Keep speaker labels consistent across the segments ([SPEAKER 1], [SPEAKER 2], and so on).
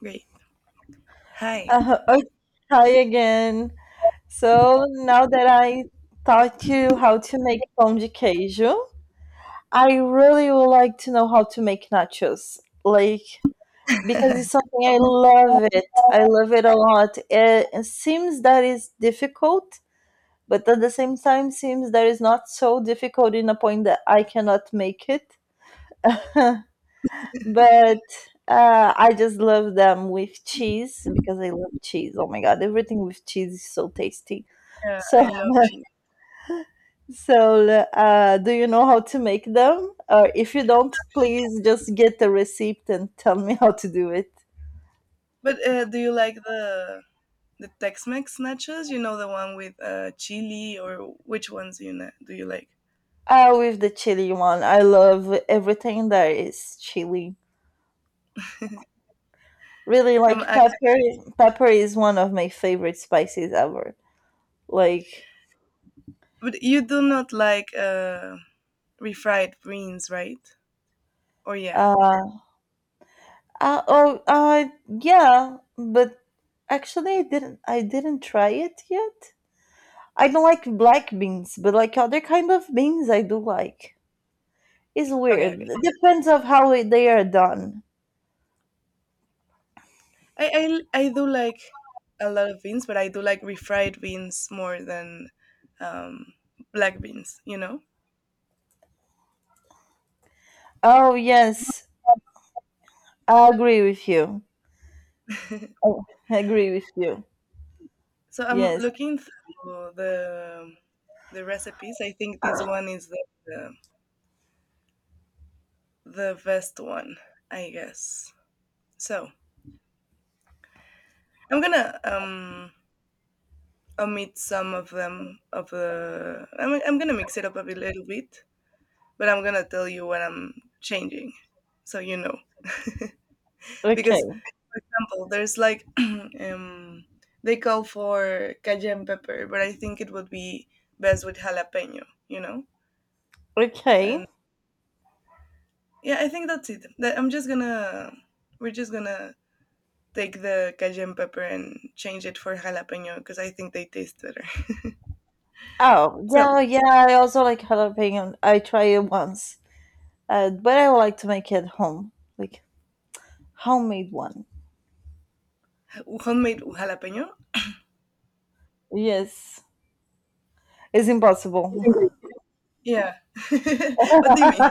[SPEAKER 1] Great. Hi.
[SPEAKER 2] Uh, okay, hi again. So now that I taught you how to make pão de queijo, I really would like to know how to make nachos. Like, because it's something I love it. I love it a lot. It seems that it's difficult, but at the same time seems that it's not so difficult in a point that I cannot make it. But I just love them with cheese because I love cheese. Oh my god, everything with cheese is so tasty.
[SPEAKER 1] Yeah,
[SPEAKER 2] So,
[SPEAKER 1] I love cheese.
[SPEAKER 2] do you know how to make them? Or if you don't, please just get the recipe and tell me how to do it.
[SPEAKER 1] But do you like the Tex-Mex nachos? You know, the one with chili, or which ones do you do you like?
[SPEAKER 2] With the chili one, I love everything that is chili. Really
[SPEAKER 1] I'm
[SPEAKER 2] like pepper.
[SPEAKER 1] act-
[SPEAKER 2] Pepper is one of my favorite spices ever. Like,
[SPEAKER 1] but you do not like refried beans, right? Or yeah.
[SPEAKER 2] uh, Uh, oh, uh, yeah, but actually, I didn't try it yet. I don't like black beans, but like other kind of beans, I do like. It's
[SPEAKER 1] Okay,
[SPEAKER 2] weird.
[SPEAKER 1] okay.
[SPEAKER 2] It depends of how they are done.
[SPEAKER 1] I do like a lot of beans, but I do like refried beans more than um, black beans, you know.
[SPEAKER 2] Oh yes, I agree with you. Oh, I agree with you.
[SPEAKER 1] So I'm
[SPEAKER 2] Yes.
[SPEAKER 1] looking through the recipes. I think this one is the the best one, I guess. So I'm gonna omit some of them of the. I'm gonna mix it up little bit, but I'm gonna tell you what I'm changing, so you know. Because,
[SPEAKER 2] Okay.
[SPEAKER 1] for example, there's like um they call for cayenne pepper, but I think it would be best with jalapeno, you know.
[SPEAKER 2] Okay.
[SPEAKER 1] And yeah, I think that's it. That I'm just gonna we're just gonna take the cayenne pepper and change it for jalapeno because I think they taste better.
[SPEAKER 2] Oh
[SPEAKER 1] So
[SPEAKER 2] yeah, yeah. I also like jalapeno. I try it once, but I like to make it home, like homemade one.
[SPEAKER 1] homemade jalapeno.
[SPEAKER 2] Yes, it's impossible.
[SPEAKER 1] Yeah. What do you mean?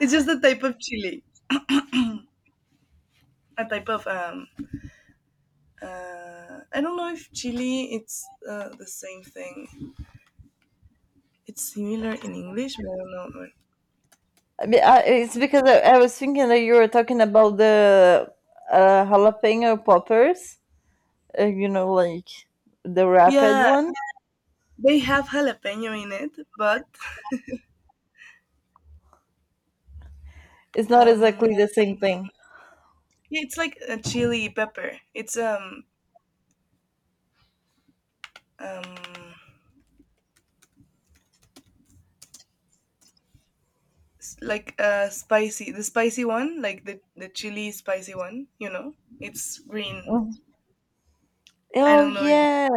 [SPEAKER 1] It's just a type of chili, a type of I don't know if chili it's the same thing. It's similar in English, but I don't know, man.
[SPEAKER 2] It's because I was thinking that you were talking about the jalapeno poppers, you know, like the rapid
[SPEAKER 1] Yeah,
[SPEAKER 2] one.
[SPEAKER 1] they have jalapeno in it, but
[SPEAKER 2] It's not
[SPEAKER 1] um,
[SPEAKER 2] exactly the same thing.
[SPEAKER 1] yeah, it's like a chili pepper. It's um like spicy, the spicy one, like the chili spicy one, you know. It's green.
[SPEAKER 2] Mhm.
[SPEAKER 1] I
[SPEAKER 2] Oh
[SPEAKER 1] don't know if you
[SPEAKER 2] yeah,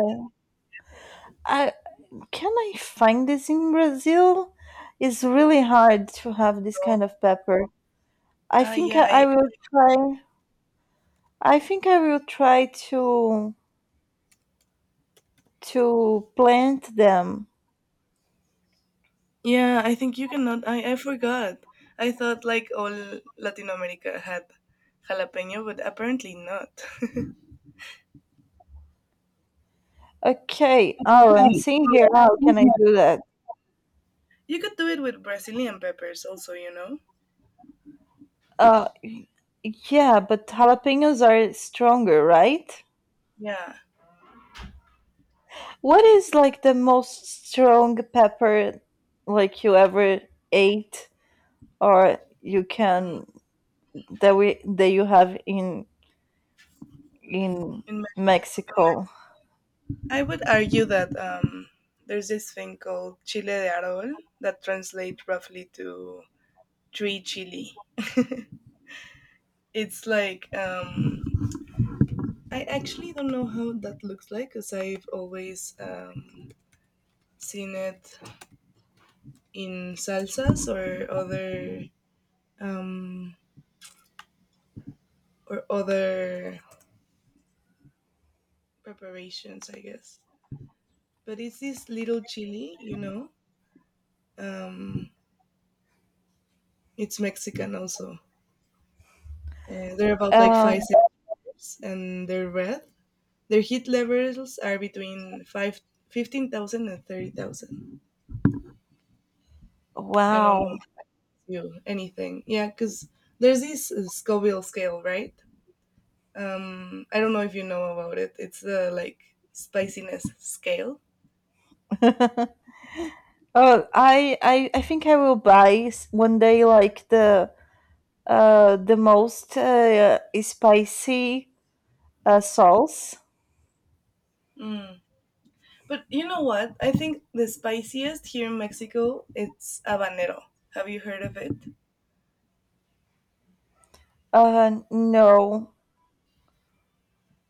[SPEAKER 2] I can I find this in Brazil? It's really hard to have this
[SPEAKER 1] know.
[SPEAKER 2] kind of pepper. I
[SPEAKER 1] ah
[SPEAKER 2] think
[SPEAKER 1] yeah
[SPEAKER 2] I
[SPEAKER 1] i
[SPEAKER 2] will try. I think I will try to plant them.
[SPEAKER 1] yeah, I think you cannot. I forgot. I thought like all Latin America had jalapeno, but apparently not.
[SPEAKER 2] Okay. Oh, I'm seeing here. How can I do that?
[SPEAKER 1] You could do it with Brazilian peppers also, you know.
[SPEAKER 2] Uh, yeah, but jalapenos are stronger, right?
[SPEAKER 1] Yeah.
[SPEAKER 2] What is like the most strong pepper like you ever ate or you
[SPEAKER 1] Mm.
[SPEAKER 2] can that you have in in
[SPEAKER 1] In Me-
[SPEAKER 2] Mexico?
[SPEAKER 1] I would argue that there's this thing called chile de Arbol that translates roughly to tree chili. It's like I actually don't know how that looks like because I've always seen it in salsas or other um, or other preparations, I guess. But it's this little chili, you know. Um, it's Mexican also. They're about like
[SPEAKER 2] Um,
[SPEAKER 1] 5 centimeters and they're red. Their heat levels are between five fifteen thousand and thirty thousand. I don't know.
[SPEAKER 2] wow.
[SPEAKER 1] You anything. Yeah, because there's this Scoville scale, right? I don't know if you know about it. It's the like spiciness scale.
[SPEAKER 2] Oh, I think I will buy one day like the most spicy sauce.
[SPEAKER 1] Mm. But you know what? I think the spiciest here in Mexico, it's habanero. Have you heard of it?
[SPEAKER 2] No,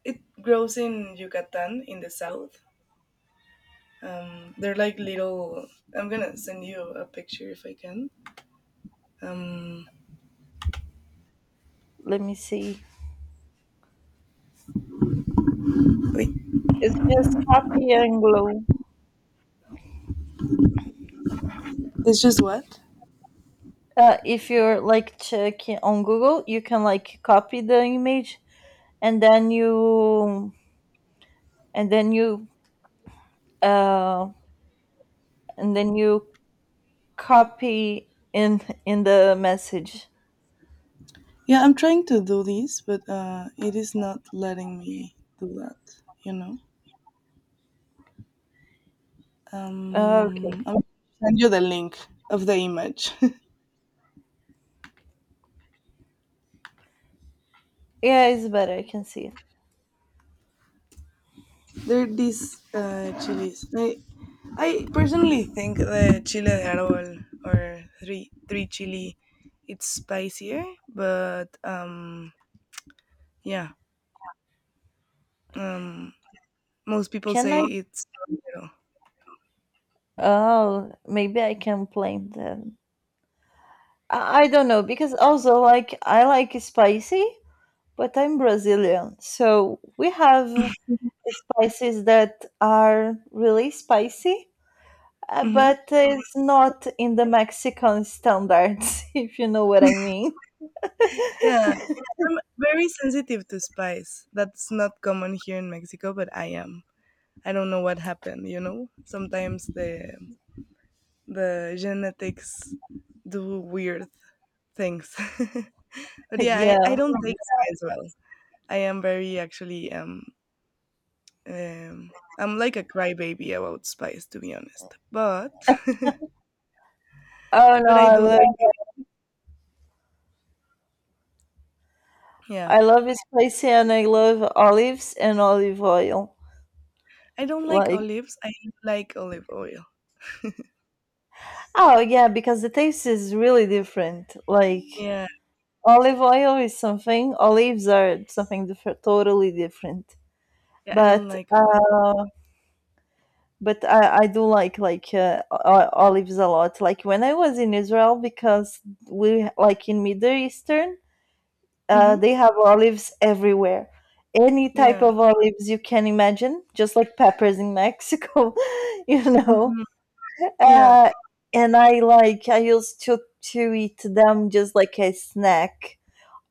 [SPEAKER 1] It grows in Yucatan in the south. They're like little. I'm gonna send you a picture if I can. Um,
[SPEAKER 2] let me see.
[SPEAKER 1] wait,
[SPEAKER 2] It's just copy and glue.
[SPEAKER 1] it's just what?
[SPEAKER 2] If you're like checking on Google, you can like copy the image and then you and then you uh and then you copy in the message.
[SPEAKER 1] Yeah, I'm trying to do this, but it is not letting me do that. You know,
[SPEAKER 2] Okay.
[SPEAKER 1] I will send you the link of the image.
[SPEAKER 2] Yeah, it's better. I can see it.
[SPEAKER 1] There are these chilies. I personally think the chile de árbol, or three chili, it's spicier, but yeah, um, most people
[SPEAKER 2] Can I?
[SPEAKER 1] say it's.
[SPEAKER 2] Oh, maybe I can blame them. I don't know because also like I like spicy, but I'm Brazilian, so we have
[SPEAKER 1] You
[SPEAKER 2] spices that are really spicy,
[SPEAKER 1] know.
[SPEAKER 2] but it's not in the Mexican standards, if you know what I mean.
[SPEAKER 1] Yeah, I'm very sensitive to spice. That's not common here in Mexico, but I am. I don't know what happened, you know? Sometimes the genetics do weird things. But yeah,
[SPEAKER 2] Yeah.
[SPEAKER 1] I don't take spice well. I am very actually I'm like a crybaby about spice, to be honest. But
[SPEAKER 2] Oh no,
[SPEAKER 1] but I do like yeah.
[SPEAKER 2] I love spicy and I love olives and olive oil.
[SPEAKER 1] I don't like
[SPEAKER 2] Like
[SPEAKER 1] olives. I like olive oil.
[SPEAKER 2] oh yeah, because the taste is really different. Like
[SPEAKER 1] Yeah.
[SPEAKER 2] olive oil is something, olives are something different, totally different.
[SPEAKER 1] Yeah, I don't
[SPEAKER 2] But
[SPEAKER 1] like olive.
[SPEAKER 2] uh, but I do like olives a lot. Like when I was in Israel, because we like in Middle Eastern,
[SPEAKER 1] Mhm.
[SPEAKER 2] they have olives everywhere. Any type
[SPEAKER 1] Yeah.
[SPEAKER 2] of olives you can imagine, just like peppers in Mexico, you know.
[SPEAKER 1] Mhm. Yeah.
[SPEAKER 2] Uh, and I like I used to eat them just like a snack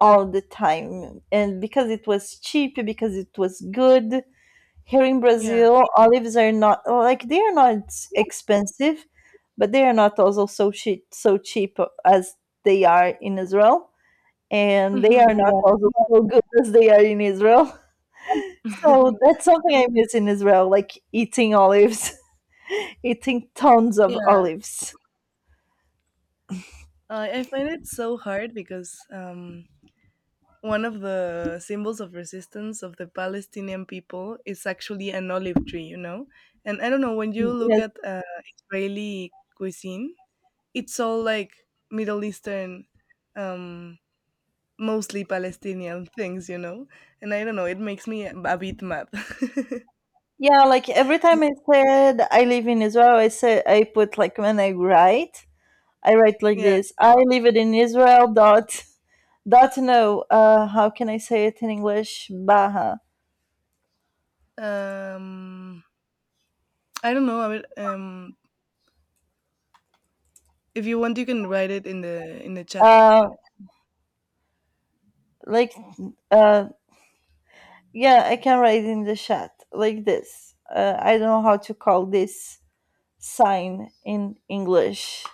[SPEAKER 2] all the time, and because it was cheap, because it was good, here in
[SPEAKER 1] Yeah.
[SPEAKER 2] Brazil, olives are not well, like they are not expensive, but they are not also so cheap as they are in Israel, and they are
[SPEAKER 1] Hmm.
[SPEAKER 2] not also so good as they are in Israel. So that's something I miss in Israel, like eating olives, eating tons of
[SPEAKER 1] Yeah.
[SPEAKER 2] olives.
[SPEAKER 1] I find it so hard because one of the symbols of resistance of the Palestinian people is actually an olive tree, you know? And I don't know, when you look
[SPEAKER 2] Yes.
[SPEAKER 1] at Israeli cuisine, it's all like Middle Eastern, um, mostly Palestinian things, you know? And I don't know, it makes me a bit mad.
[SPEAKER 2] Yeah, like every time I said I live in Israel, I say I put like when I write like
[SPEAKER 1] Yeah.
[SPEAKER 2] this. I live it in Israel dot do no, how can I say it in English? Baha.
[SPEAKER 1] Um, I don't know. I would, if you want, you can write it in the chat.
[SPEAKER 2] Uh, like, uh, yeah, I can write in the chat like this. I don't know how to call this sign in English.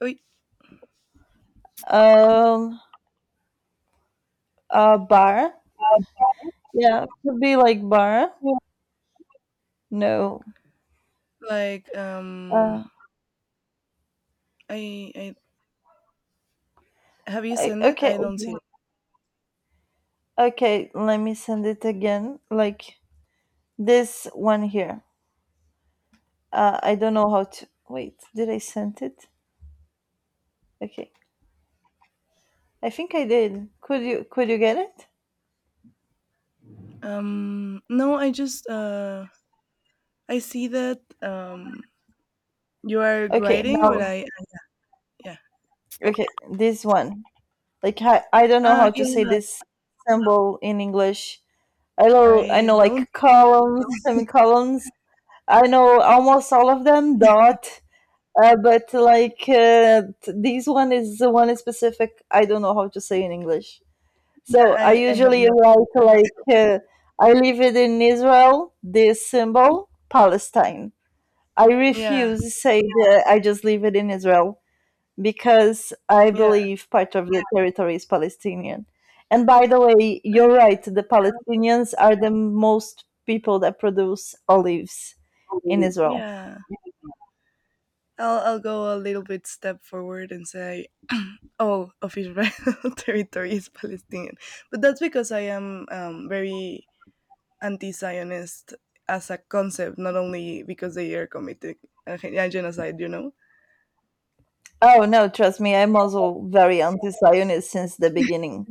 [SPEAKER 1] Wait,
[SPEAKER 2] Um, Bar. Yeah, could be like bar. No.
[SPEAKER 1] like
[SPEAKER 2] Uh,
[SPEAKER 1] I I, have you sent it?
[SPEAKER 2] okay,
[SPEAKER 1] I don't see it.
[SPEAKER 2] okay. Let me send it again. Like this one here. I don't know how to. Wait, did I send it? Okay. I think I did. Could you get it?
[SPEAKER 1] No, I just I see that you are
[SPEAKER 2] Okay,
[SPEAKER 1] writing,
[SPEAKER 2] now
[SPEAKER 1] but I, yeah.
[SPEAKER 2] okay, this one. Like I don't know how to say
[SPEAKER 1] Yeah,
[SPEAKER 2] this symbol in English. I
[SPEAKER 1] I
[SPEAKER 2] know
[SPEAKER 1] don't,
[SPEAKER 2] like columns, semicolons. I know almost all of them. Dot. This one is the one specific. I don't know how to say in English.
[SPEAKER 1] yeah,
[SPEAKER 2] So I
[SPEAKER 1] I have
[SPEAKER 2] usually
[SPEAKER 1] no idea.
[SPEAKER 2] write like I live it in Israel. This symbol Palestine. I
[SPEAKER 1] Yeah.
[SPEAKER 2] refuse to say that I just leave it in Israel because I
[SPEAKER 1] Yeah.
[SPEAKER 2] believe part of the territory is Palestinian. And by the way,
[SPEAKER 1] I.
[SPEAKER 2] you're right, the Palestinians are the most people that produce olives in Israel.
[SPEAKER 1] Yeah. I'll go a little bit step forward and say all of Israel territory is Palestinian. But that's because I am very anti-Zionist as a concept, not only because they are committing a genocide, you know?
[SPEAKER 2] Oh no, trust me, I'm also very anti-Zionist since the beginning.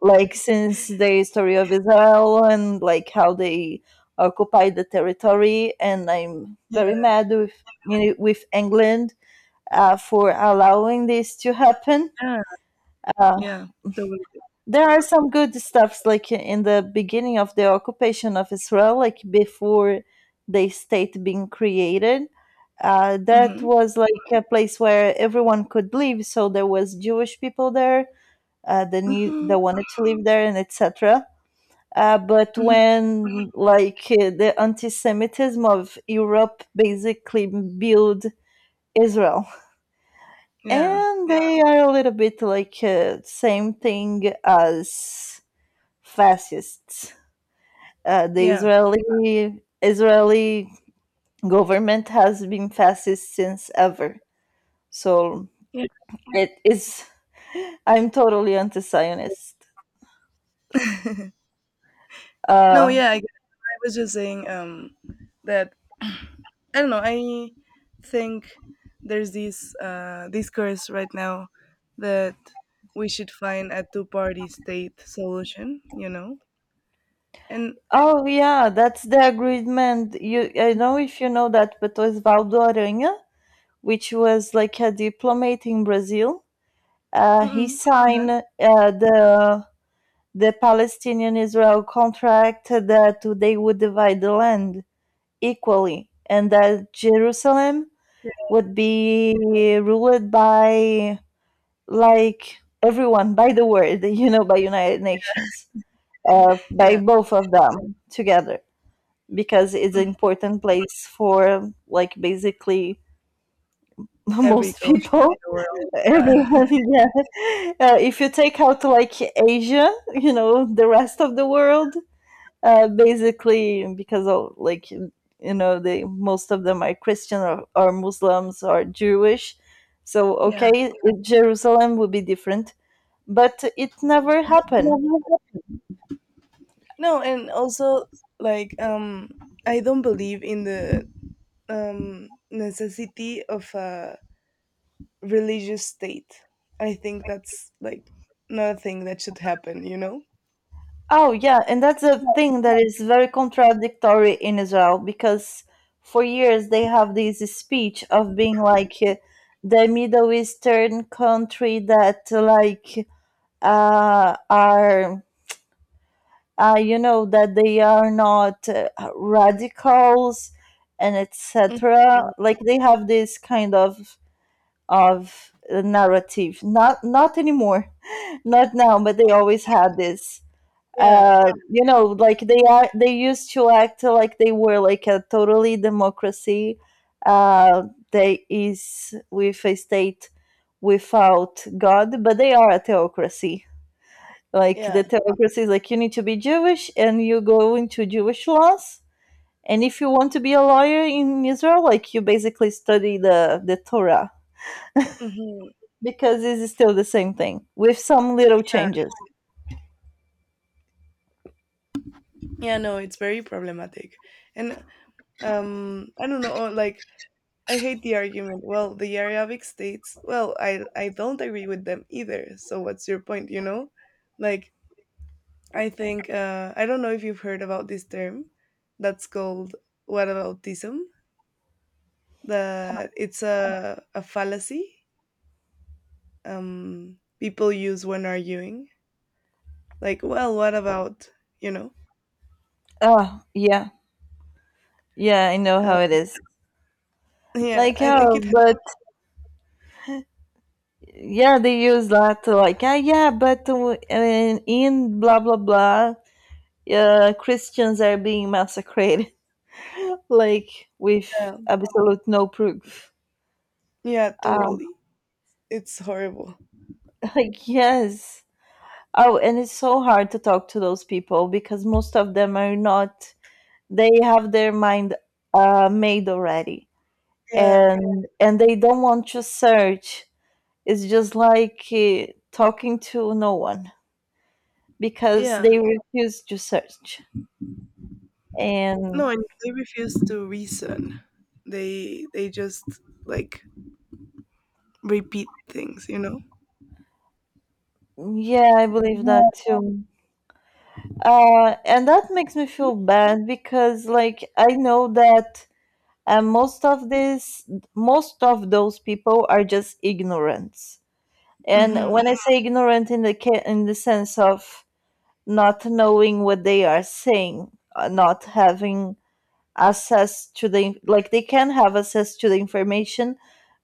[SPEAKER 2] Like since the history of Israel and like how they occupied the territory, and I'm
[SPEAKER 1] Yeah,
[SPEAKER 2] very mad with you know, with England for allowing this to happen.
[SPEAKER 1] yeah,
[SPEAKER 2] Uh,
[SPEAKER 1] yeah, totally.
[SPEAKER 2] there are some good stuffs, like in the beginning of the occupation of Israel, like before the state being created. That
[SPEAKER 1] Mm-hmm.
[SPEAKER 2] was like a place where everyone could live, so there was Jewish people there that knew,
[SPEAKER 1] Mm-hmm.
[SPEAKER 2] that wanted to live there, and etc. Uh, but
[SPEAKER 1] Mm-hmm.
[SPEAKER 2] when like uh, the anti-Semitism of Europe basically built Israel,
[SPEAKER 1] Yeah,
[SPEAKER 2] and they are a little bit like same thing as fascists. The
[SPEAKER 1] yeah,
[SPEAKER 2] Israeli government has been fascist since ever, so
[SPEAKER 1] yeah.
[SPEAKER 2] it is. I'm totally anti-Zionist.
[SPEAKER 1] No,
[SPEAKER 2] Uh,
[SPEAKER 1] yeah, I was just saying that, I don't know, I think there's this discourse right now that we should find a two-party state solution, you know? And,
[SPEAKER 2] oh yeah, that's the agreement. You I know if you know that, but Osvaldo Aranha, which was like a diplomat in Brazil, he
[SPEAKER 1] mm-mm, huh?
[SPEAKER 2] signed the the Palestinian-Israel contract that they would divide the land equally and that Jerusalem
[SPEAKER 1] Yeah,
[SPEAKER 2] would be ruled by like everyone by the world, you know, by United Nations, by
[SPEAKER 1] yeah.
[SPEAKER 2] both of them together, because it's an
[SPEAKER 1] Mhm.
[SPEAKER 2] important place for like basically
[SPEAKER 1] Every
[SPEAKER 2] most
[SPEAKER 1] culture
[SPEAKER 2] people,
[SPEAKER 1] in the world. Yeah.
[SPEAKER 2] everyone. Yeah, if you take out like Asia, you know, the rest of the world, basically because of like you know they most of them are christian or muslims or jewish so
[SPEAKER 1] Yeah.
[SPEAKER 2] okay jerusalem would be different but it never happened
[SPEAKER 1] Yeah. No, and also like I don't believe in the necessity of a religious state. I think that's like not a thing that should happen, you know?
[SPEAKER 2] oh yeah and that's a thing that is very contradictory in israel because for years they have this speech of being like the middle eastern country that like are you know that they are not radicals and etc
[SPEAKER 1] Mhm.
[SPEAKER 2] like they have this kind of narrative not anymore not now but they always had this
[SPEAKER 1] Yeah.
[SPEAKER 2] you know like they used to act like they were like a totally democracy uh they is with a state without god but they are a theocracy like
[SPEAKER 1] Yeah.
[SPEAKER 2] the theocracy is like you need to be Jewish and you go into Jewish laws. And if you want to be a lawyer in Israel, like you basically study the Torah
[SPEAKER 1] Hmm.
[SPEAKER 2] because it's still the same thing with some little
[SPEAKER 1] Yeah.
[SPEAKER 2] changes.
[SPEAKER 1] Yeah, no, it's very problematic. And I don't know, like I hate the argument. Well, the Arabic states, well, I don't agree with them either. So what's your point, you know? Like I think I don't know if you've heard about this term that's called whataboutism. That it's a fallacy people use when arguing. Like, well, what about, you know?
[SPEAKER 2] Oh, yeah. Yeah, I know
[SPEAKER 1] Uh,
[SPEAKER 2] how it is.
[SPEAKER 1] yeah,
[SPEAKER 2] Like,
[SPEAKER 1] I think
[SPEAKER 2] oh,
[SPEAKER 1] it
[SPEAKER 2] but yeah, they use that to like, ah, yeah, but in blah, blah, blah, Christians are being massacred, like with
[SPEAKER 1] yeah,
[SPEAKER 2] absolute no proof.
[SPEAKER 1] yeah,
[SPEAKER 2] Um,
[SPEAKER 1] totally. It's horrible.
[SPEAKER 2] like, yes. Oh, and it's so hard to talk to those people because most of them are not, they have their mind made already
[SPEAKER 1] Yeah.
[SPEAKER 2] and they don't want to search. It's just like talking to no one because
[SPEAKER 1] Yeah.
[SPEAKER 2] they refuse to search.
[SPEAKER 1] No,
[SPEAKER 2] And
[SPEAKER 1] and they refuse to reason. They just like repeat things, you know.
[SPEAKER 2] yeah, I believe that
[SPEAKER 1] Mm-hmm.
[SPEAKER 2] too. And that makes me feel bad because like I know that uh, most of this, most of those people are just ignorance And
[SPEAKER 1] Mm-hmm.
[SPEAKER 2] when I say ignorant in in the sense of not knowing what they are saying, not having access to like they can have access to the information,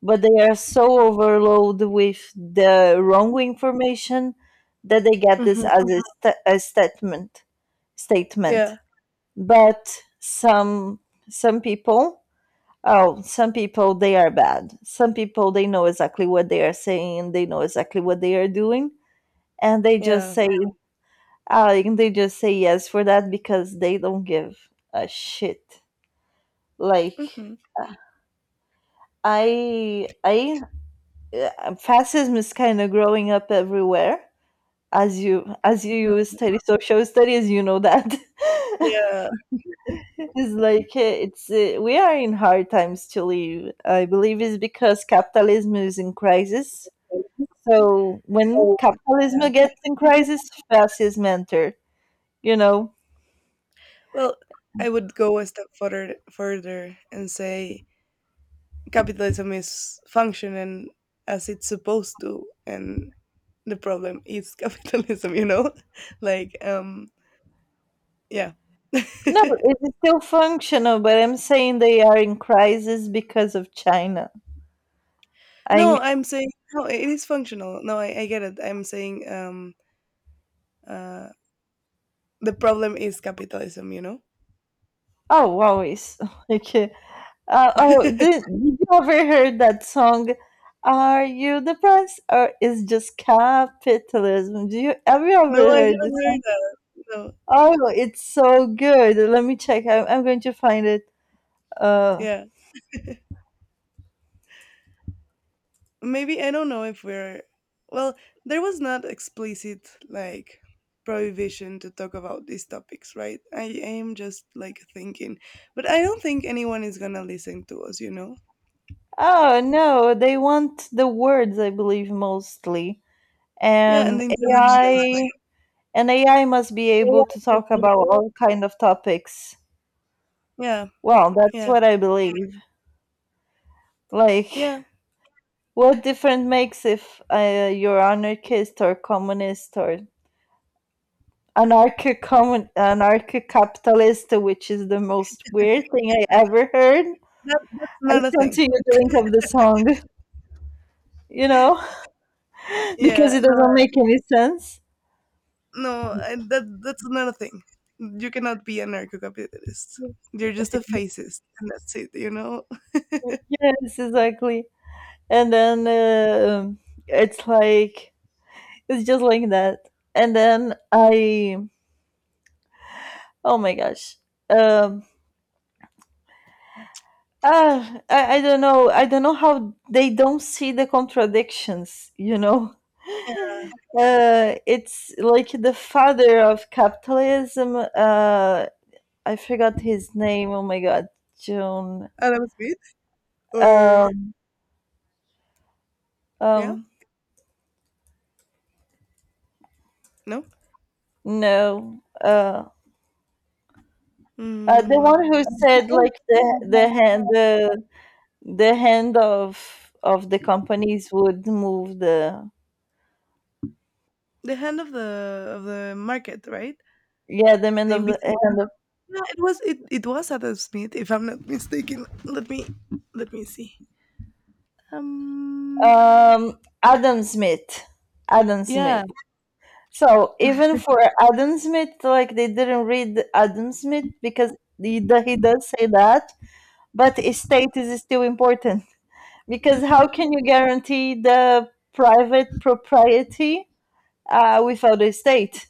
[SPEAKER 2] but they are so overloaded with the wrong information that they get this
[SPEAKER 1] Mm-hmm.
[SPEAKER 2] as a statement.
[SPEAKER 1] Yeah.
[SPEAKER 2] But some people Oh, some people they are bad. Some people they know exactly what they are saying and they know exactly what they are doing and they just
[SPEAKER 1] Yeah.
[SPEAKER 2] say and they just say yes for that because they don't give a shit like
[SPEAKER 1] Mm-hmm.
[SPEAKER 2] I fascism is kind of growing up everywhere as you study social studies you know that
[SPEAKER 1] Yeah.
[SPEAKER 2] it's like it's we are in hard times to live I believe it's because capitalism is in crisis so when
[SPEAKER 1] So,
[SPEAKER 2] capitalism
[SPEAKER 1] yeah.
[SPEAKER 2] gets in crisis fascism enter you know
[SPEAKER 1] Well, I would go a step further and say capitalism is functioning as it's supposed to, and the problem is capitalism. You know, like yeah.
[SPEAKER 2] No, it's still functional, but I'm saying they are in crisis because of China. I
[SPEAKER 1] No, I'm saying no, it is functional. No, I get it. I'm saying uh the problem is capitalism, you know?
[SPEAKER 2] oh always like oh did you ever heard that song? Are you the price or is just capitalism? Do you have you
[SPEAKER 1] No,
[SPEAKER 2] ever
[SPEAKER 1] I
[SPEAKER 2] heard this?
[SPEAKER 1] haven't heard
[SPEAKER 2] Song?
[SPEAKER 1] that. No.
[SPEAKER 2] Oh, it's so good. Let me check. I'm going to find it. Uh,
[SPEAKER 1] Yeah. Maybe I don't know if we're, well, there was not explicit like prohibition to talk about these topics, right? I am just like thinking. But I don't think anyone is gonna listen to us, you know?
[SPEAKER 2] oh no, they want the words, I believe, mostly.
[SPEAKER 1] Yeah, and
[SPEAKER 2] And
[SPEAKER 1] the interactions,
[SPEAKER 2] AI.
[SPEAKER 1] right?
[SPEAKER 2] And AI must be able to talk about all kind of topics.
[SPEAKER 1] Yeah,
[SPEAKER 2] Well, that's
[SPEAKER 1] yeah,
[SPEAKER 2] what I believe. Like,
[SPEAKER 1] yeah.
[SPEAKER 2] what different makes if you're anarchist or communist or anarcho capitalist, which is the most weird thing I ever heard.
[SPEAKER 1] That, that's
[SPEAKER 2] I
[SPEAKER 1] not a
[SPEAKER 2] sent to
[SPEAKER 1] thing.
[SPEAKER 2] you the link of the song, you know, because
[SPEAKER 1] Yeah,
[SPEAKER 2] it doesn't
[SPEAKER 1] no,
[SPEAKER 2] make any sense.
[SPEAKER 1] no, and that's another thing. You cannot be an anarcho-capitalist. You're just a fascist, and that's it. You know.
[SPEAKER 2] Yes, exactly. And then it's like it's just like that. And then I Oh my gosh. Um, I don't know. I don't know how they don't see the contradictions, you know?
[SPEAKER 1] Uh,
[SPEAKER 2] It's like the father of capitalism. I forgot his name. Oh my God. June.
[SPEAKER 1] and that was it. Or
[SPEAKER 2] Um,
[SPEAKER 1] yeah,
[SPEAKER 2] um,
[SPEAKER 1] no.
[SPEAKER 2] no. The
[SPEAKER 1] Mm,
[SPEAKER 2] one who said like the hand the hand of the companies would move the
[SPEAKER 1] the hand of the market, right?
[SPEAKER 2] yeah
[SPEAKER 1] The
[SPEAKER 2] the
[SPEAKER 1] invisible.
[SPEAKER 2] hand of
[SPEAKER 1] No, it was it was Adam Smith, if I'm not mistaken. Let me see. Um.
[SPEAKER 2] Adam Smith. Adam Smith.
[SPEAKER 1] Yeah.
[SPEAKER 2] So even for Adam Smith, like they didn't read Adam Smith because he does say that, but estate is still important because how can you guarantee the private propriety, without estate?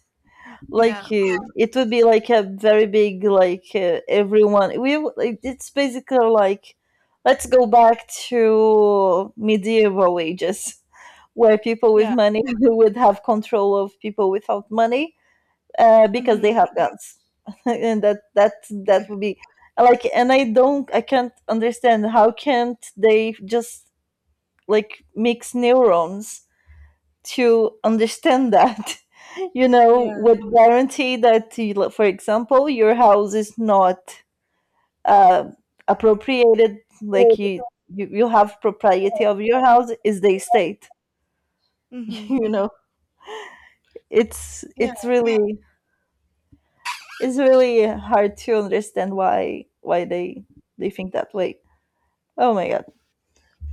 [SPEAKER 2] Like
[SPEAKER 1] Yeah.
[SPEAKER 2] it would be like a very big, like, everyone we like, it's basically like let's go back to medieval ages where people with
[SPEAKER 1] Yeah.
[SPEAKER 2] money would have control of people without money, because they
[SPEAKER 1] Mm-hmm.
[SPEAKER 2] have guns and that that would be like. And I don't, I can't understand how can't they just like mix neurons to understand that, you know,
[SPEAKER 1] Yeah.
[SPEAKER 2] would guarantee that, you, like, for example, your house is not, uh, appropriated, like you, you have propriety of your house is the estate.
[SPEAKER 1] Mm-hmm.
[SPEAKER 2] You know, it's
[SPEAKER 1] Yeah.
[SPEAKER 2] really it's really hard to understand why they think that way. Oh my god.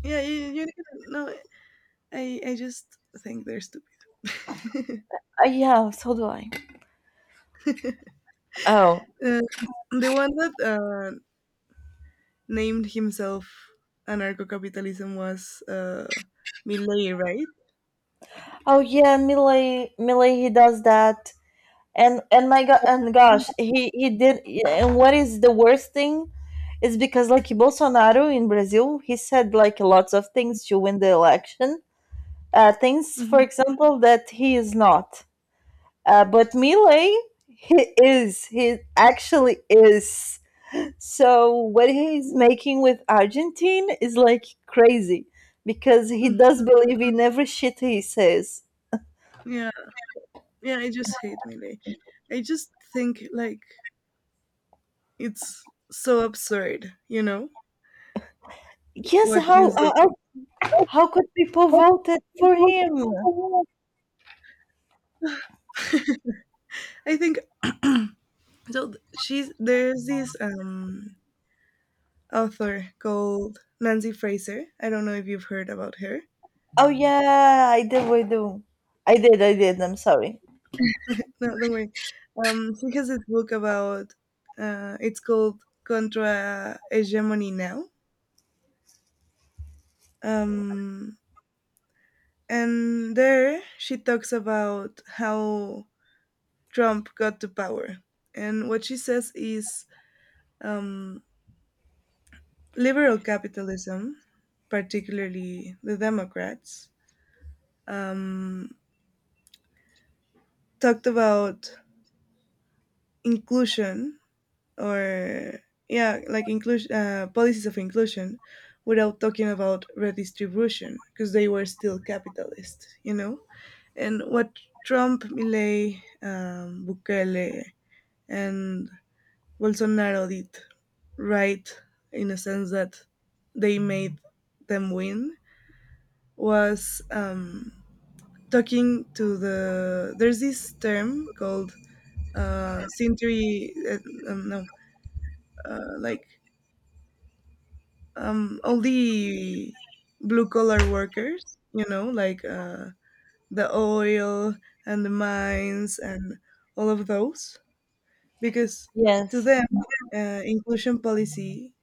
[SPEAKER 1] Yeah. No, I just think they're stupid.
[SPEAKER 2] Yeah, so do I. Oh.
[SPEAKER 1] Uh, the one that named himself anarcho-capitalism was Millet, right?
[SPEAKER 2] Oh yeah, Millie he does that, and my god and gosh he did. And what is the worst thing is because like Bolsonaro in Brazil, he said like lots of things to win the election, things, for
[SPEAKER 1] Mhm.
[SPEAKER 2] example, that he is not. But Milei, he he actually is. So what he's making with Argentine is like crazy because he
[SPEAKER 1] Mm.
[SPEAKER 2] does believe in every shit he says.
[SPEAKER 1] Yeah, yeah. I just hate Millet. I just think like it's so absurd, you know,
[SPEAKER 2] Yes,
[SPEAKER 1] what he's doing.
[SPEAKER 2] how could people vote for him?
[SPEAKER 1] I think so. She's There's this author called Nancy Fraser. I don't know if you've heard about her.
[SPEAKER 2] Oh yeah, I did. We do. I did. I did. I'm sorry.
[SPEAKER 1] No, don't worry. She has this book about. It's called Contra Hegemony Now. Um, and there she talks about how Trump got to power. And what she says is um, liberal capitalism, particularly the Democrats, um, talked about inclusion, or yeah, like inclusion, policies of inclusion without talking about redistribution because they were still capitalist, you know. And what Trump, Millet, Bukele, and Bolsonaro did right, in a sense that they made them win, was talking to the, there's this term called century, no like all the blue collar workers, you know, like the oil and the mines and all of those, because to
[SPEAKER 2] Yes.
[SPEAKER 1] them inclusion policy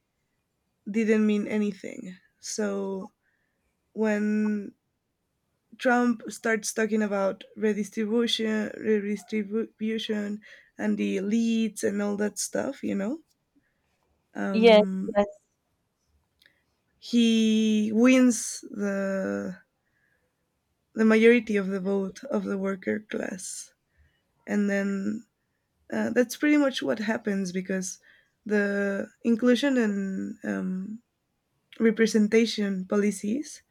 [SPEAKER 1] didn't mean anything. So when Trump starts talking about redistribution and the elites and all that stuff, you know,
[SPEAKER 2] Yes.
[SPEAKER 1] um
[SPEAKER 2] Yes.
[SPEAKER 1] he wins the majority of the vote of the worker class. And then that's pretty much what happens because the inclusion and representation policies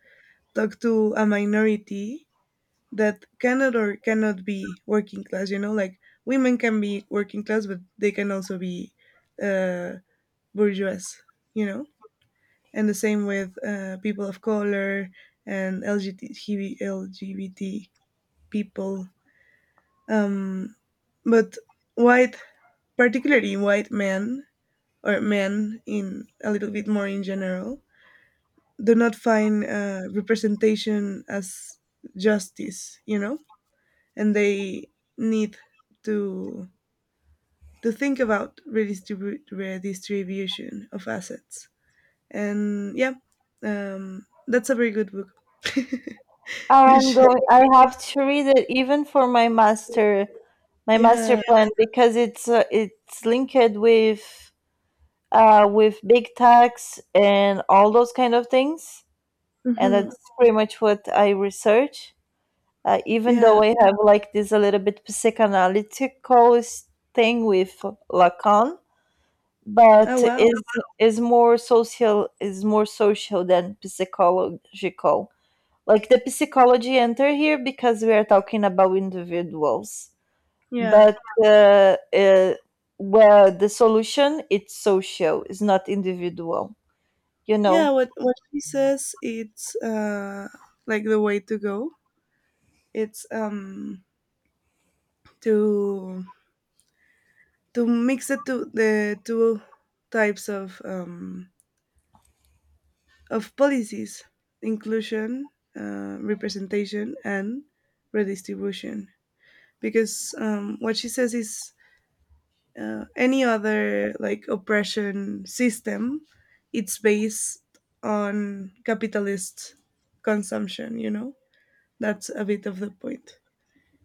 [SPEAKER 1] talk to a minority that cannot or cannot be working class, you know. Like, women can be working class, but they can also be uh, bourgeois, you know? And the same with people of color and LGBT, LGBT people. Um, but white, particularly white men, or men in a little bit more in general, do not find representation as justice, you know, and they need to think about redistribution of assets. And yeah, that's a very good book.
[SPEAKER 2] Oh,
[SPEAKER 1] You
[SPEAKER 2] I'm
[SPEAKER 1] should,
[SPEAKER 2] going. I have to read it even for my master
[SPEAKER 1] yeah,
[SPEAKER 2] plan because it's, it's linked with big tax and all those kind of things, and
[SPEAKER 1] hmm,
[SPEAKER 2] that's pretty much what I research. Even
[SPEAKER 1] yeah.
[SPEAKER 2] though I have like this a little bit psychoanalytical s- thing with Lacan,
[SPEAKER 1] Oh
[SPEAKER 2] but
[SPEAKER 1] wow,
[SPEAKER 2] is more social, is more social than psychological. Like the psychology enter here because we are talking about individuals,
[SPEAKER 1] yeah.
[SPEAKER 2] but uh, uh, well the solution it's social, it's not individual, you
[SPEAKER 1] Yeah,
[SPEAKER 2] know.
[SPEAKER 1] what she says it's like the way to go. It's to mix the two types of policies: inclusion, representation, and redistribution. Because what she says is, any other like oppression system, it's based on capitalist consumption. You know, that's a bit of the point.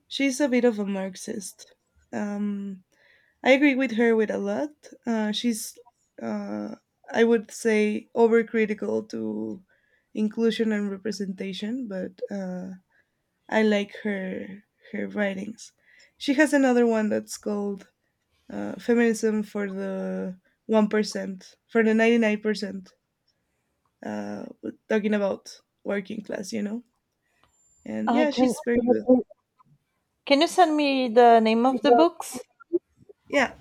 [SPEAKER 1] She's a bit of a Marxist. Um, I agree with her with a lot. She's, uh, I would say, overcritical to inclusion and representation, but I like her writings. She has another one that's called "Feminism for the 1%," for the 99%, uh, talking about working class, you know. And yeah,
[SPEAKER 2] Can
[SPEAKER 1] she's very good.
[SPEAKER 2] you send me the name of the books?
[SPEAKER 1] Yeah,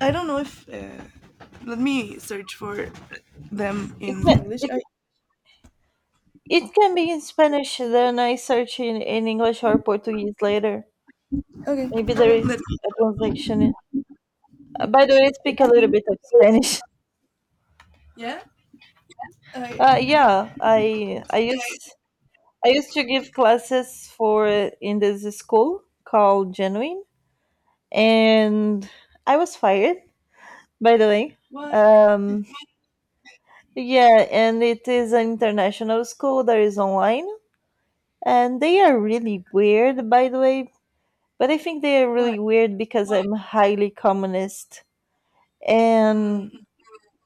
[SPEAKER 1] I don't know if let me search for them
[SPEAKER 2] it
[SPEAKER 1] in
[SPEAKER 2] can,
[SPEAKER 1] English.
[SPEAKER 2] it, it can be in Spanish, then I search in English or Portuguese later,
[SPEAKER 1] Okay.
[SPEAKER 2] maybe there is
[SPEAKER 1] Let me.
[SPEAKER 2] a translation. By the way, I speak a little bit of Spanish.
[SPEAKER 1] Yeah. Okay.
[SPEAKER 2] Yeah, I used to give classes for in this school called Genuine, and I was fired. By the way,
[SPEAKER 1] What?
[SPEAKER 2] um, yeah, and it is an international school that is online, and they are really weird. By the way, but I think they are
[SPEAKER 1] What?
[SPEAKER 2] really weird because I'm highly communist, and
[SPEAKER 1] Mm.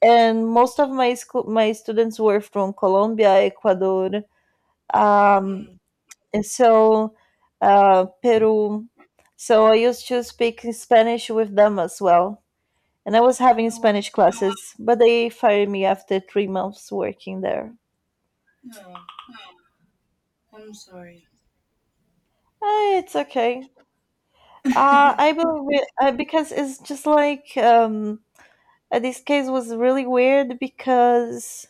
[SPEAKER 2] most of my students were from Colombia, Ecuador,
[SPEAKER 1] Mm.
[SPEAKER 2] Um,
[SPEAKER 1] Mm.
[SPEAKER 2] and so, Peru. So I used to speak Spanish with them as well. And I was having
[SPEAKER 1] Oh wow.
[SPEAKER 2] Spanish classes, but they fired me after three months working there.
[SPEAKER 1] No. I'm sorry.
[SPEAKER 2] Eh, it's okay. I believe it, because it's just like this case was really weird because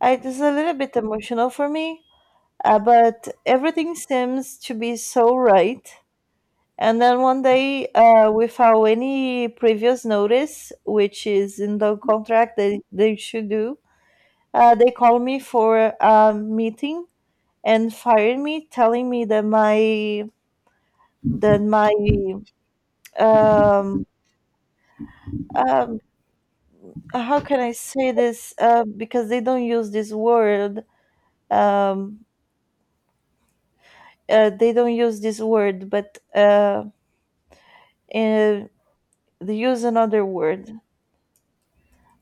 [SPEAKER 2] I, it was a little bit emotional for me, but everything seems to be so right. And then one day, without any previous notice, which is in the contract that they should do, they called me for a meeting and fired me, telling me that my um, um, how can I say this? Because they don't use this word. Um, they don't use this word, but they use another word.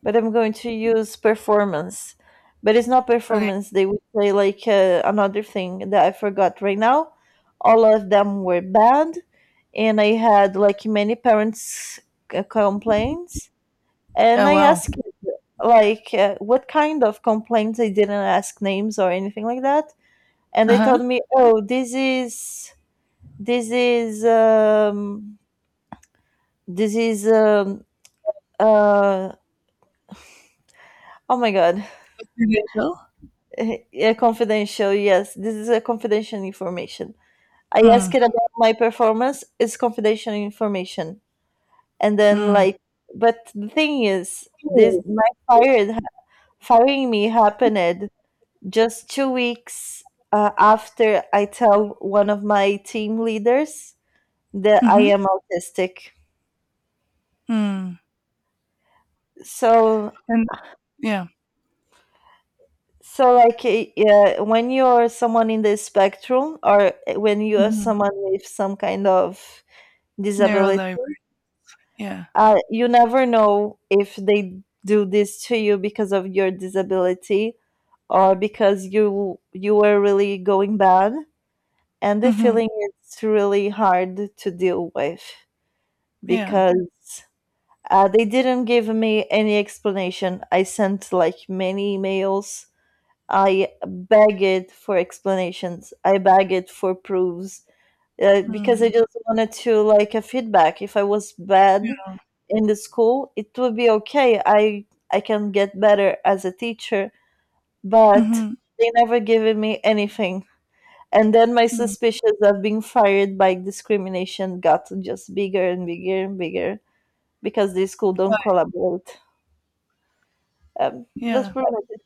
[SPEAKER 2] But I'm going to use performance. But it's not
[SPEAKER 1] Okay.
[SPEAKER 2] performance. They would play like, another thing that I forgot right now. All of them were bad, and I had like many parents' c- complaints. And
[SPEAKER 1] Oh
[SPEAKER 2] I
[SPEAKER 1] wow.
[SPEAKER 2] asked like, what kind of complaints. I didn't ask names or anything like that. And
[SPEAKER 1] Uh
[SPEAKER 2] they
[SPEAKER 1] huh.
[SPEAKER 2] told me, "Oh, this is this is um, this is um, uh, oh my god,
[SPEAKER 1] Residential.
[SPEAKER 2] yeah, confidential. Yes, this is a confidential information. I asked it
[SPEAKER 1] Mm.
[SPEAKER 2] about my performance. It's confidential information." And then
[SPEAKER 1] Mm.
[SPEAKER 2] like, but the thing is, this
[SPEAKER 1] Mm-hmm.
[SPEAKER 2] my fired firing me happened just 2 weeks after I tell one of my team leaders that I
[SPEAKER 1] Mm.
[SPEAKER 2] am autistic.
[SPEAKER 1] Mm.
[SPEAKER 2] So
[SPEAKER 1] And yeah.
[SPEAKER 2] so like eh, yeah, when you're someone in the spectrum or when you are
[SPEAKER 1] Mm-hmm.
[SPEAKER 2] someone with some kind of
[SPEAKER 1] Narrow
[SPEAKER 2] disability,
[SPEAKER 1] diver. Yeah.
[SPEAKER 2] you never know if they do this to you because of your disability or because you were really going bad, and the
[SPEAKER 1] Mm-hmm.
[SPEAKER 2] feeling is really hard to deal with
[SPEAKER 1] Yeah.
[SPEAKER 2] because they didn't give me any explanation. I sent like many emails, I begged for explanations, I begged for proofs, because I
[SPEAKER 1] Mm.
[SPEAKER 2] just wanted to like a feedback. If I was bad
[SPEAKER 1] Yeah.
[SPEAKER 2] in the school, it would be okay. I can get better as a teacher, but
[SPEAKER 1] Mm-hmm.
[SPEAKER 2] they never given me anything. And then my
[SPEAKER 1] Mm.
[SPEAKER 2] suspicions of being fired by discrimination got just bigger and bigger and bigger because the school don't
[SPEAKER 1] What?
[SPEAKER 2] collaborate. That's
[SPEAKER 1] Yeah.
[SPEAKER 2] pretty much it.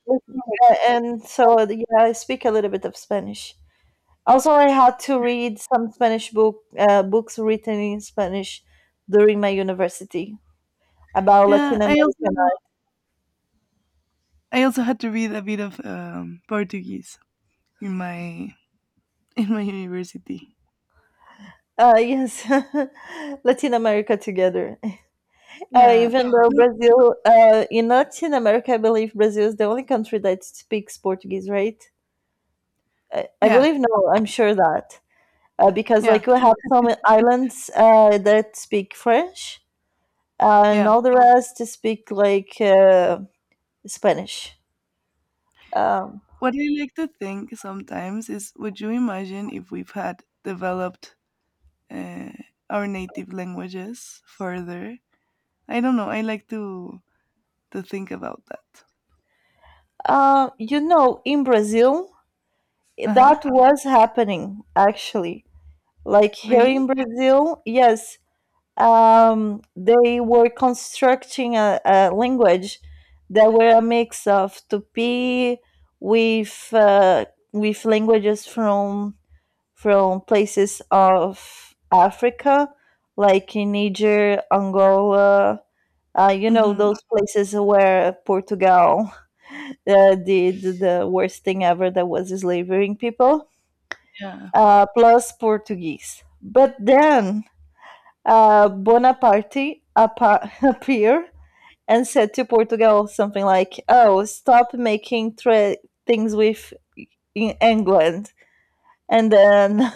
[SPEAKER 2] And so yeah, I speak a little bit of Spanish. Also, I had to read some Spanish books written in Spanish during my university about
[SPEAKER 1] Yeah.
[SPEAKER 2] Latin
[SPEAKER 1] I
[SPEAKER 2] America.
[SPEAKER 1] also had to read a bit of Portuguese in my in my university.
[SPEAKER 2] Yes, Latin America together.
[SPEAKER 1] Yeah.
[SPEAKER 2] Even though
[SPEAKER 1] No,
[SPEAKER 2] Brazil, in Latin America, I believe Brazil is the only country that speaks Portuguese, right? I
[SPEAKER 1] yeah,
[SPEAKER 2] believe no. I'm sure that, because
[SPEAKER 1] yeah,
[SPEAKER 2] like we have some islands that speak French, and
[SPEAKER 1] yeah.
[SPEAKER 2] all the rest speak like, Spanish. Um,
[SPEAKER 1] What I like to think sometimes is, would you imagine if we've had developed uh, our native languages further? I don't know. I like to think about that.
[SPEAKER 2] You know, in Brazil,
[SPEAKER 1] Uh-huh.
[SPEAKER 2] that was happening actually. Like here in
[SPEAKER 1] Really?
[SPEAKER 2] Brazil, yes, they were constructing a language that were a mix of Tupi with, with languages from places of Africa, like in Niger, Angola. You know
[SPEAKER 1] Mhm.
[SPEAKER 2] those places where Portugal did the worst thing ever that was enslaving people,
[SPEAKER 1] Yeah.
[SPEAKER 2] plus Portuguese. But then, Bonaparte appa- appeared and said to Portugal something like, "Oh, stop making tra- things with in England." And then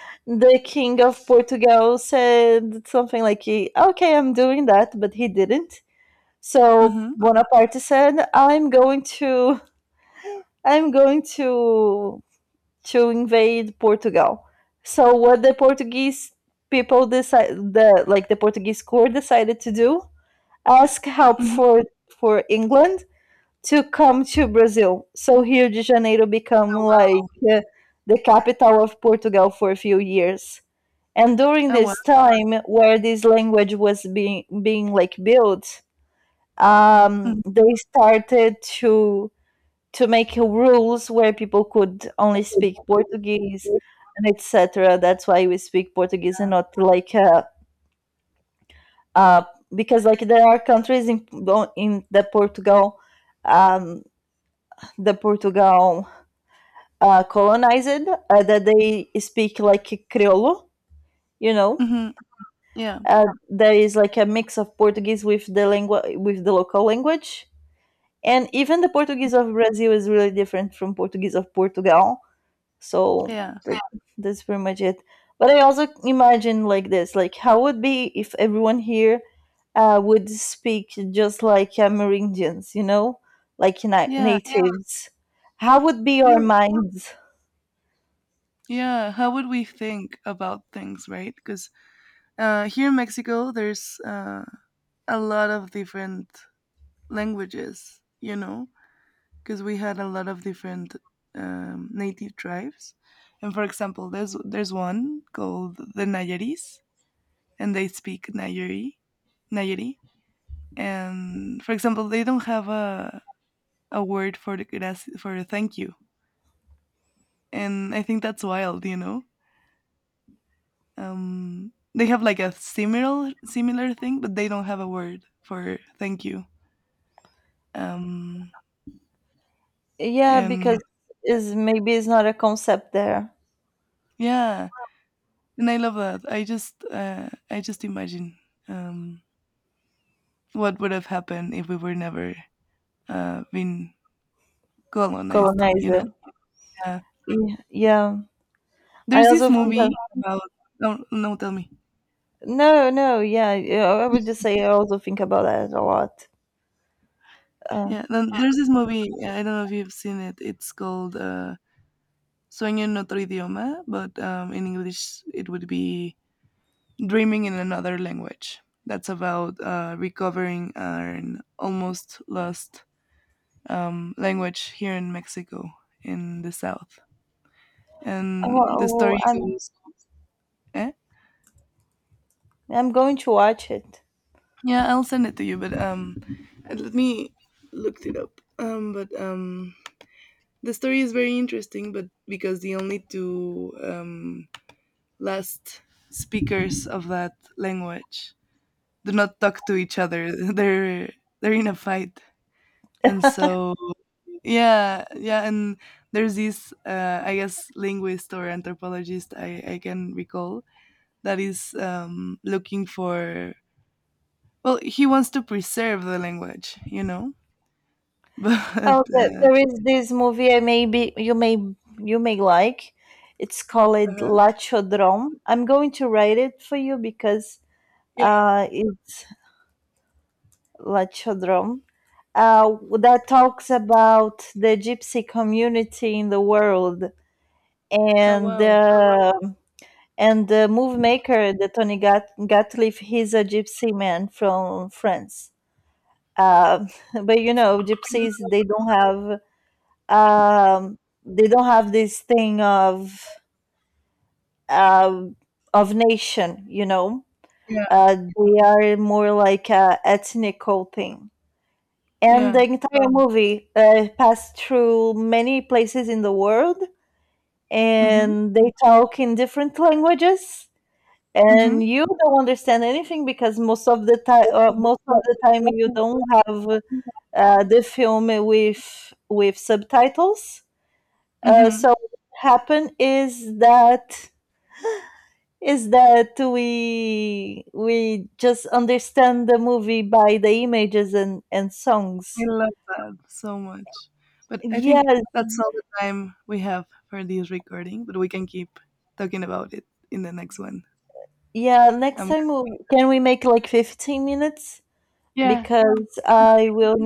[SPEAKER 2] the king of Portugal said something like, "Okay, I'm doing that," but he didn't. So
[SPEAKER 1] Mhm.
[SPEAKER 2] Bonaparte said, "I'm going to, I'm going to invade Portugal." So what the Portuguese people decide, the Portuguese court decided to do, ask help
[SPEAKER 1] Mhm.
[SPEAKER 2] for England to come to Brazil. So Rio de Janeiro become
[SPEAKER 1] Oh
[SPEAKER 2] like,
[SPEAKER 1] wow.
[SPEAKER 2] uh, the capital of Portugal for a few years. And during
[SPEAKER 1] Oh wow.
[SPEAKER 2] this time, where this language was being like built,
[SPEAKER 1] Mhm.
[SPEAKER 2] they started to make rules where people could only speak Portuguese and etc. That's why we speak Portuguese and not like uh, because like there are countries in the Portugal, um, the Portugal colonized, that they speak like Criollo, you know.
[SPEAKER 1] Mhm. Yeah.
[SPEAKER 2] There is like a mix of Portuguese with the langu- with the local language, and even the Portuguese of Brazil is really different from Portuguese of Portugal. So
[SPEAKER 1] Yeah.
[SPEAKER 2] th- that's pretty much it. But I also imagine like this, like how would be if everyone here would speak just like, Amerindians, you know, like na- yeah,
[SPEAKER 1] Yeah.
[SPEAKER 2] natives. How would be our
[SPEAKER 1] No.
[SPEAKER 2] minds?
[SPEAKER 1] Yeah. How would we think about things, right? Because here in Mexico, there's a lot of different languages, you know, because we had a lot of different native tribes. And for example, there's one called the Nayaris, and they speak Nayari, Nayari. And for example, they don't have a word for for the thank you, and I think that's wild, you know. They have like a similar thing, but they don't have a word for thank you. Um,
[SPEAKER 2] Yeah, because
[SPEAKER 1] and
[SPEAKER 2] is maybe it's not a concept there,
[SPEAKER 1] yeah, and I love that. I just imagine um, what would have happened if we were never been colonized, you
[SPEAKER 2] colonizer.
[SPEAKER 1] know. Yeah.
[SPEAKER 2] Yeah, yeah. I
[SPEAKER 1] There's
[SPEAKER 2] also
[SPEAKER 1] this
[SPEAKER 2] think of,
[SPEAKER 1] movie about. No, no, tell me.
[SPEAKER 2] no, no, yeah, yeah, I would just say I also think about that a lot. Uh,
[SPEAKER 1] Yeah, then there's this movie. I don't know if you've seen it. It's called Sueño en otro idioma, but in English it would be Dreaming in Another Language. That's about recovering an almost lost language here in Mexico in the South. And the
[SPEAKER 2] oh,
[SPEAKER 1] story
[SPEAKER 2] I'm
[SPEAKER 1] goes, eh?
[SPEAKER 2] going to watch it.
[SPEAKER 1] Yeah, I'll send it to you, but and let me looked it up, but the story is very interesting, but because the only two last speakers of that language do not talk to each other, they're in a fight. And so, yeah, yeah. And there's this I guess linguist or anthropologist I can recall, that is looking for. Well, he wants to preserve the language, you know. But
[SPEAKER 2] Oh, there is this movie I maybe you may like. It's called
[SPEAKER 1] uh
[SPEAKER 2] La Chodron. I'm going to write it for you because,
[SPEAKER 1] yeah.
[SPEAKER 2] it's La Chodron. That talks about the gypsy community in the world
[SPEAKER 1] Oh
[SPEAKER 2] and,
[SPEAKER 1] wow.
[SPEAKER 2] and the move maker, the Tony Gatliff, he's a gypsy man from France. Uh, but you know,
[SPEAKER 1] I
[SPEAKER 2] gypsies
[SPEAKER 1] love-
[SPEAKER 2] um, they don't have this thing um of nation, you know.
[SPEAKER 1] Yeah.
[SPEAKER 2] They are more like a ethnical thing. And the
[SPEAKER 1] Yeah.
[SPEAKER 2] entire, oh, movie passed through many places in the world,
[SPEAKER 1] Mhm.
[SPEAKER 2] and they talk in different languages, and
[SPEAKER 1] Mhm.
[SPEAKER 2] you don't understand anything because most of the time, you don't have, the film with subtitles.
[SPEAKER 1] Mhm.
[SPEAKER 2] So what happened is that we just understand the movie by the images and
[SPEAKER 1] I
[SPEAKER 2] songs.
[SPEAKER 1] love that so much. But I think
[SPEAKER 2] Yes,
[SPEAKER 1] that's all the time we have for this recording. But we can keep talking about it in the next one.
[SPEAKER 2] yeah. Next
[SPEAKER 1] Um,
[SPEAKER 2] time, we, can we make like 15 minutes?
[SPEAKER 1] yeah.
[SPEAKER 2] Because I will